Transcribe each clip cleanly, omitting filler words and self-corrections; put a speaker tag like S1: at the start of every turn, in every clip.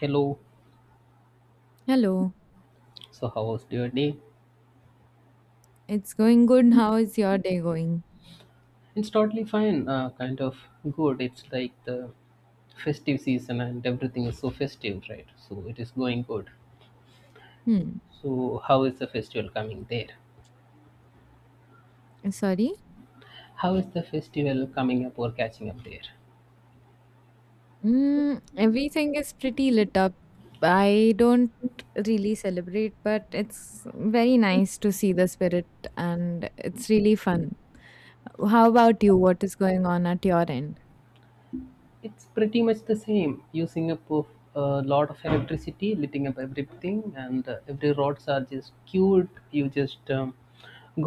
S1: Hello,
S2: Hello,
S1: so how was your day?
S2: it's going good. How is your day going?
S1: It's totally fine, kind of good. It's like the festive season and everything is so festive, right? So it is going good.
S2: Hmm,
S1: So, how is the festival coming there?
S2: sorry.
S1: How is the festival coming up or catching up there?
S2: Mm, everything is pretty lit up. I don't really celebrate, but it's very nice to see the spirit and it's really fun. How about you? What is going on at your end?
S1: It's pretty much the same, using up of a lot of electricity, lighting up everything, and every rods are just cute. You just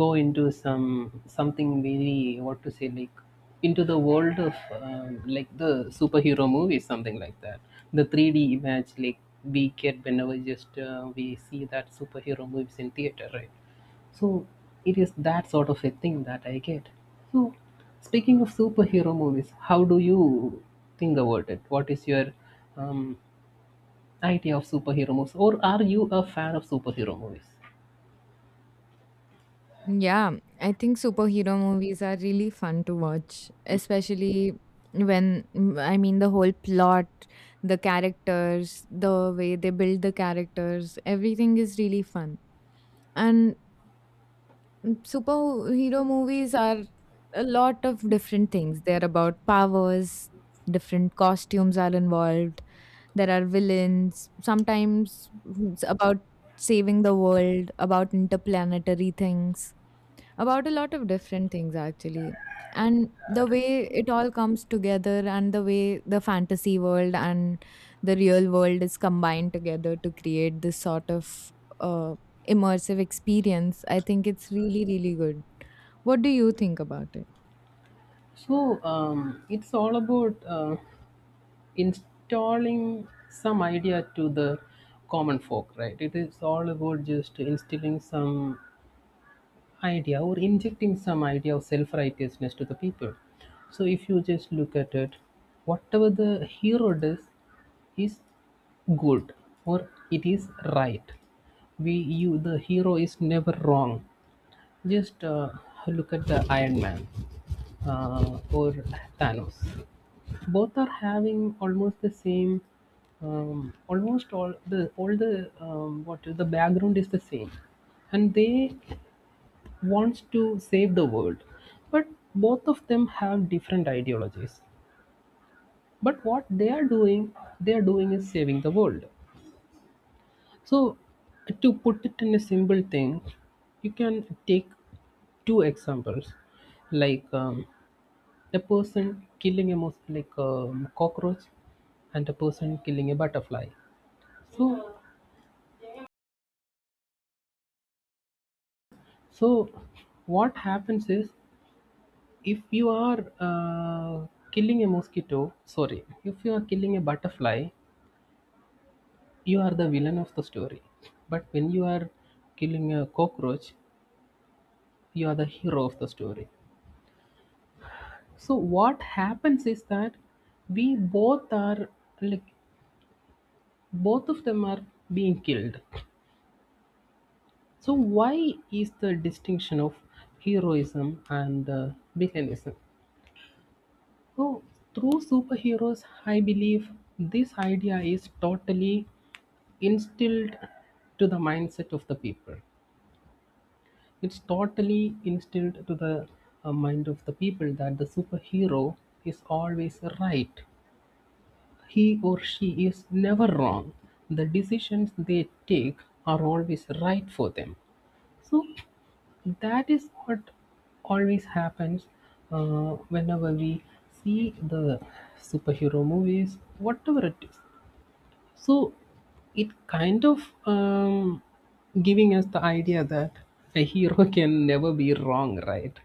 S1: go into something very what to say like into the world of like the superhero movies, something like that. The 3D image like we get whenever just we see that superhero movies in theater, right? So it is that sort of a thing that I get. So speaking of superhero movies, how do you think about it? What is your um, idea of superhero movies, or are you a fan of superhero movies?
S2: Yeah, I think superhero movies are really fun to watch, especially when mm, the whole plot, the characters, the way they build the characters, everything is really fun. And superhero movies are a lot of different things. They're about powers, different costumes are involved, there are villains, sometimes it's about saving the world, about interplanetary things, about a lot of different things actually, and the way it all comes together, and the way the fantasy world and the real world is combined together to create this sort of uh, immersive experience. I think it's really, really good. What do you think about it?
S1: So it's all about installing some idea to the common folk, right? It is all about just instilling some idea or injecting some idea of self righteousness to the people. So, if you just look at it, whatever the hero does is good or it is right. We, you, the hero is never wrong. Just look at the Iron Man or Thanos. Both are having almost the same. Almost all the what the background is the same, and they wants to save the world but both of them have different ideologies but what they are doing is saving the world. So to put it in a simple thing, you can take two examples like a person killing a cockroach and a person killing a butterfly. So so what happens is, if you are killing a mosquito, sorry, if you are killing a butterfly, you are the villain of the story. But when you are killing a cockroach, you are the hero of the story. So what happens is that we both are like both of them are being killed. So why is the distinction of heroism and villainism? So through superheroes, I believe this idea is totally instilled to the mindset of the people. It's totally instilled to the mind of the people that the superhero is always right. He or she is never wrong. The decisions they take are always right for them. So that is what always happens whenever we see the superhero movies, whatever it is. So it kind of giving us the idea that a hero can never be wrong, right?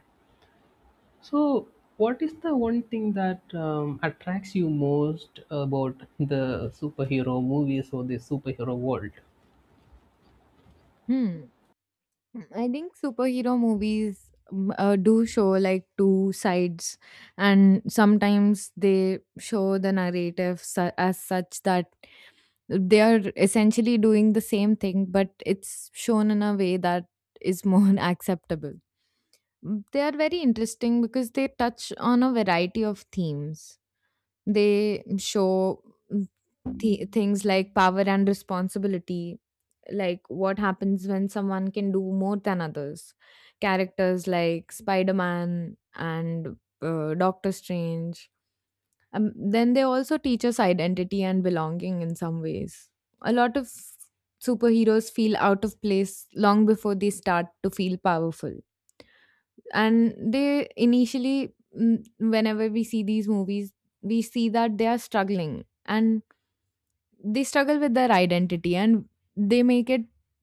S1: So what is the one thing that attracts you most about the superhero movies or the superhero world?
S2: Hmm, I think superhero movies do show, like, two sides, and sometimes they show the narrative as such that they are essentially doing the same thing, but it's shown in a way that is more acceptable. Mm, they are very interesting because they touch on a variety of themes. They show mm, things like power and responsibility, like what happens when someone can do more than others. Characters like Spider Man and Doctor Strange. Then they also teach us identity and belonging in some ways. A lot of superheroes feel out of place long before they start to feel powerful. And they initially, whenever we see these movies, we see that they are struggling, and they struggle with their identity, and they make it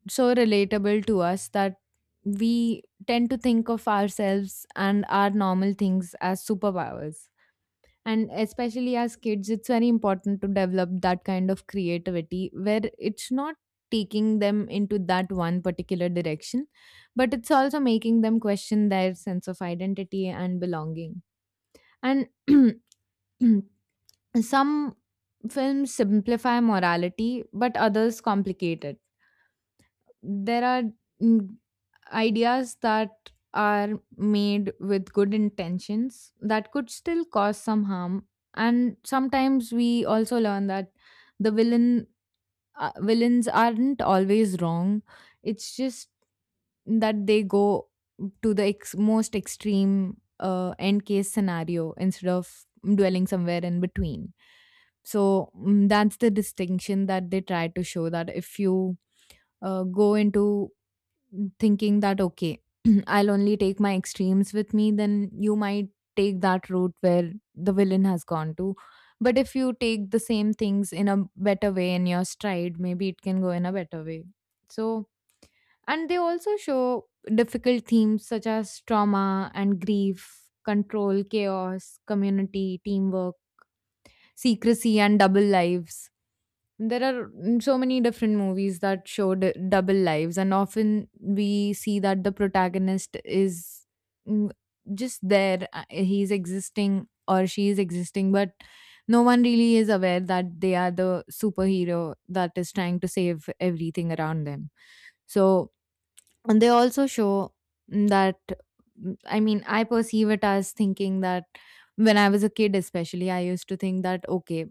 S2: so relatable to us that we tend to think of ourselves and our normal things as superpowers. And especially as kids, it's very important to develop that kind of creativity where it's not taking them into that one particular direction, but it's also making them question their sense of identity and belonging. And some films simplify morality but others complicate it. There are mm, ideas that are made with good intentions that could still cause some harm. And sometimes we also learn that the villain villains aren't always wrong. It's just that they go to the most extreme end case scenario instead of dwelling somewhere in between. So that's the distinction that they try to show, that if you go into thinking that, okay, I'll only take my extremes with me, then you might take that route where the villain has gone to. But if you take the same things in a better way in your stride, maybe it can go in a better way. So, and they also show difficult themes such as trauma and grief, control, chaos, community, teamwork, secrecy and double lives. There are so many different movies that show double lives, and often we see that the protagonist is mm, just there. He's existing or she is existing, but no one really is aware that they are the superhero that is trying to save everything around them. So, and they also show that, I mean, I perceive it as thinking that when I was a kid especially, I used to think that, okay,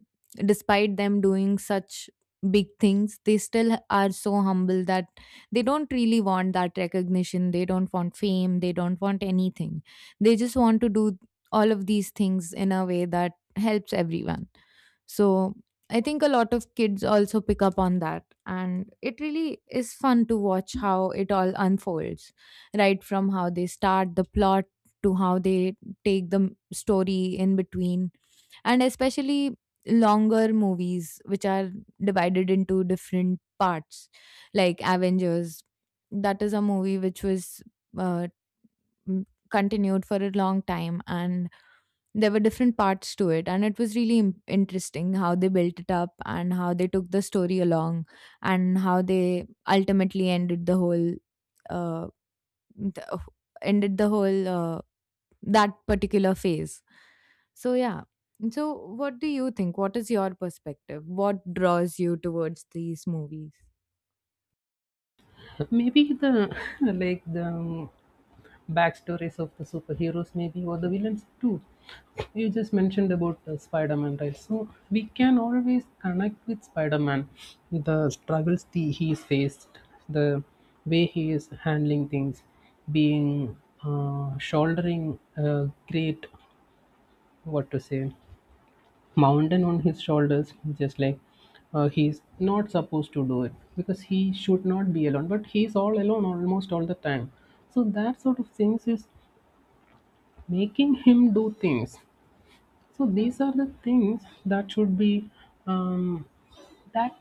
S2: despite them doing such big things, they still are so humble that they don't really want that recognition, they don't want fame, they don't want anything. They just want to do all of these things in a way that helps everyone. So I think a lot of kids also pick up on that. And it really is fun to watch how it all unfolds, right from how they start the plot to how they take the story in between. And especially longer movies, which are divided into different parts, like Avengers. That is a movie which was uh, mm, continued for a long time, and there were different parts to it, and it was really interesting how they built it up and how they took the story along and how they ultimately ended the whole uh, th- ended the whole that particular phase. So yeah, so what do you think? What is your perspective? What draws you towards these movies?
S1: Maybe the like the backstories of the superheroes maybe or the villains too. You just mentioned about Spider-Man, right? So we can always connect with Spider-Man, the struggles he faced, the way he is handling things, being shouldering a great, what to say, mountain on his shoulders. Just like he's not supposed to do it because he should not be alone, but he's all alone almost all the time, so that sort of things is making him do things. So these are the things that should be um, that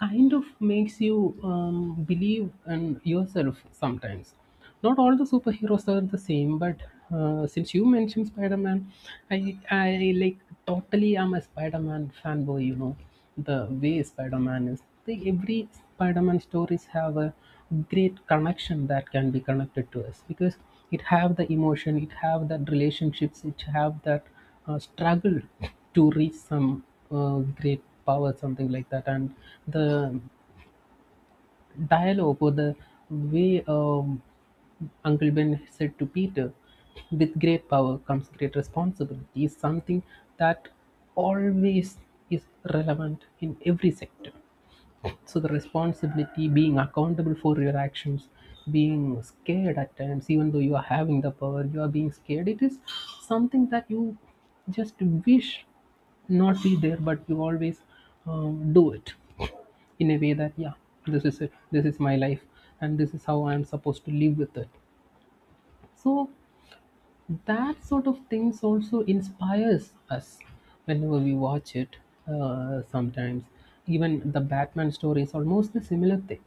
S1: kind of makes you believe in yourself sometimes. Not all the superheroes are the same, but since you mentioned Spider-Man, i I like totally am a Spider-Man fanboy, you know. The way Spider-Man is like, every Spider-Man stories have a great connection that can be connected to us because it have the emotion, it have that relationships, it have that struggled to reach some great power, something like that. And the dialogue or the way Uncle Ben said to Peter, with great power comes great responsibility, is something that always is relevant in every sector. So the responsibility, being accountable for your actions, being scared at times, even though you are having the power, you are being scared. It is something that you just wish not be there, but you always do it in a way that yeah, this is it, this is my life, and this is how I am supposed to live with it. So that sort of things also inspires us whenever we watch it. Sometimes even the Batman story is almost the similar thing.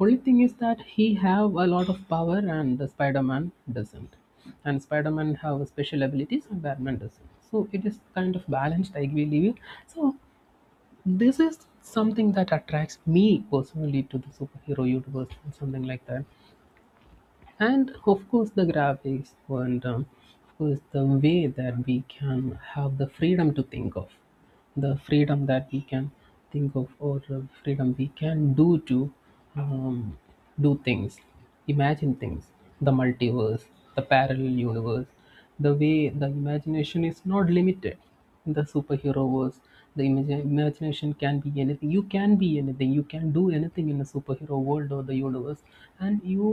S1: Only thing is that he have a lot of power and the Spider-Man doesn't. And Spider-Man have special abilities and Batman doesn't. So it is kind of balanced, I believe. So this is something that attracts me personally to the superhero universe and something like that. And of course the graphics and of course the way that we can have the freedom to think of the freedom that we can think of or freedom we can do to um, do things, imagine things, the multiverse, the parallel universe, the way the imagination is not limited in the superhero verse. The imagination can be anything, you can be anything, you can do anything in the superhero world or the universe, and you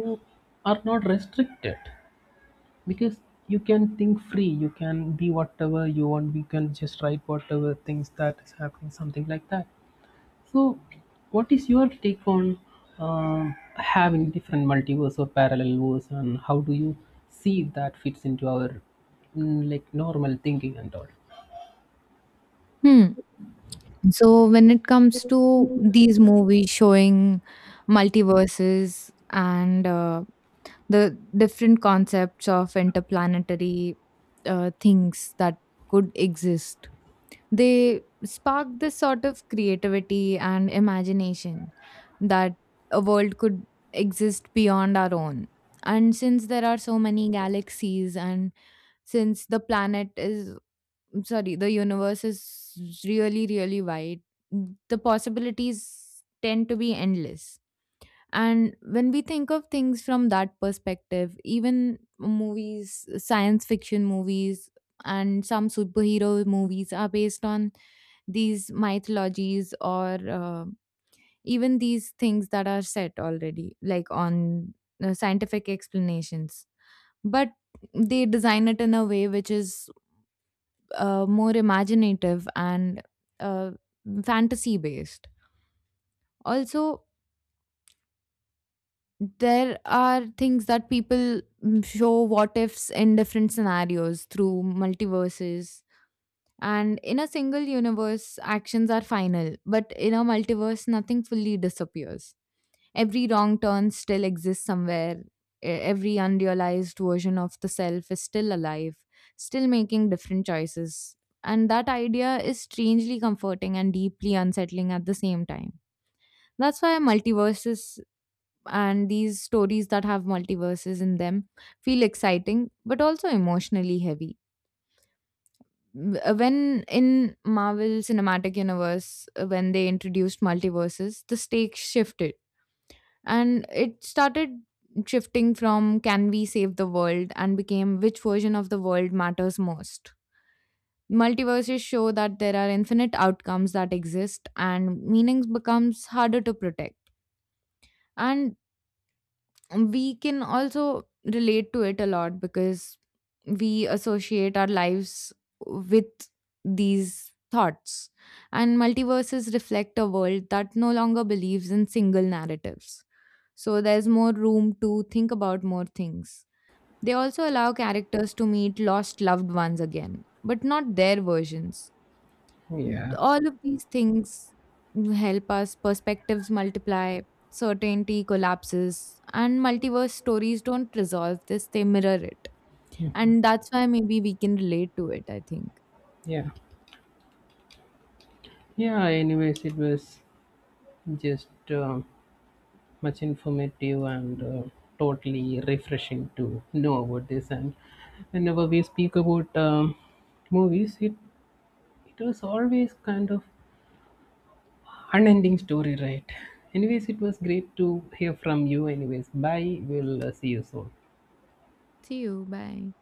S1: are not restricted because you can think free, you can be whatever you want, you can just write whatever things that is happening, something like that. So what is your take on having different multiverse or parallel verse, and how do you see that fits into our like normal thinking and all?
S2: Hmm. So when it comes to these movies showing multiverses and the different concepts of interplanetary things that could exist, they spark this sort of creativity and imagination that a world could exist beyond our own. And since there are so many galaxies, and since the planet is sorry, the universe is really, really wide. The possibilities tend to be endless. And when we think of things from that perspective, even movies, science fiction movies, and some superhero movies are based on these mythologies, or even these things that are set already, like on scientific explanations. But they design it in a way which is more imaginative and uh, fantasy based. Also, there are things that people, show what ifs in different scenarios through multiverses. And in a single universe, actions are final, but in a multiverse, nothing fully disappears. Every wrong turn still exists somewhere. Every unrealized version of the self is still alive, still making different choices. And that idea is strangely comforting and deeply unsettling at the same time. That's why multiverses and these stories that have multiverses in them feel exciting but also emotionally heavy. When in Marvel Cinematic Universe, when they introduced multiverses, the stakes shifted. And it started shifting from, can we save the world, and became, which version of the world matters most. Multiverses show that there are infinite outcomes that exist, and meanings becomes harder to protect. And we can also relate to it a lot because we associate our lives with these thoughts. And multiverses reflect a world that no longer believes in single narratives, so there's more room to think about more things. They also allow characters to meet lost loved ones again, but not their versions.
S1: Yeah,
S2: All of these things help us, perspectives multiply, certainty collapses, and multiverse stories don't resolve this, they mirror it. And that's why maybe we can relate to it, I think.
S1: yeah, yeah, anyways, it was just much informative and totally refreshing to know about this. And whenever we speak about movies, it was always kind of unending story, right? Anyways, it was great to hear from you. Anyways, bye. We'll see you soon.
S2: See you. Bye.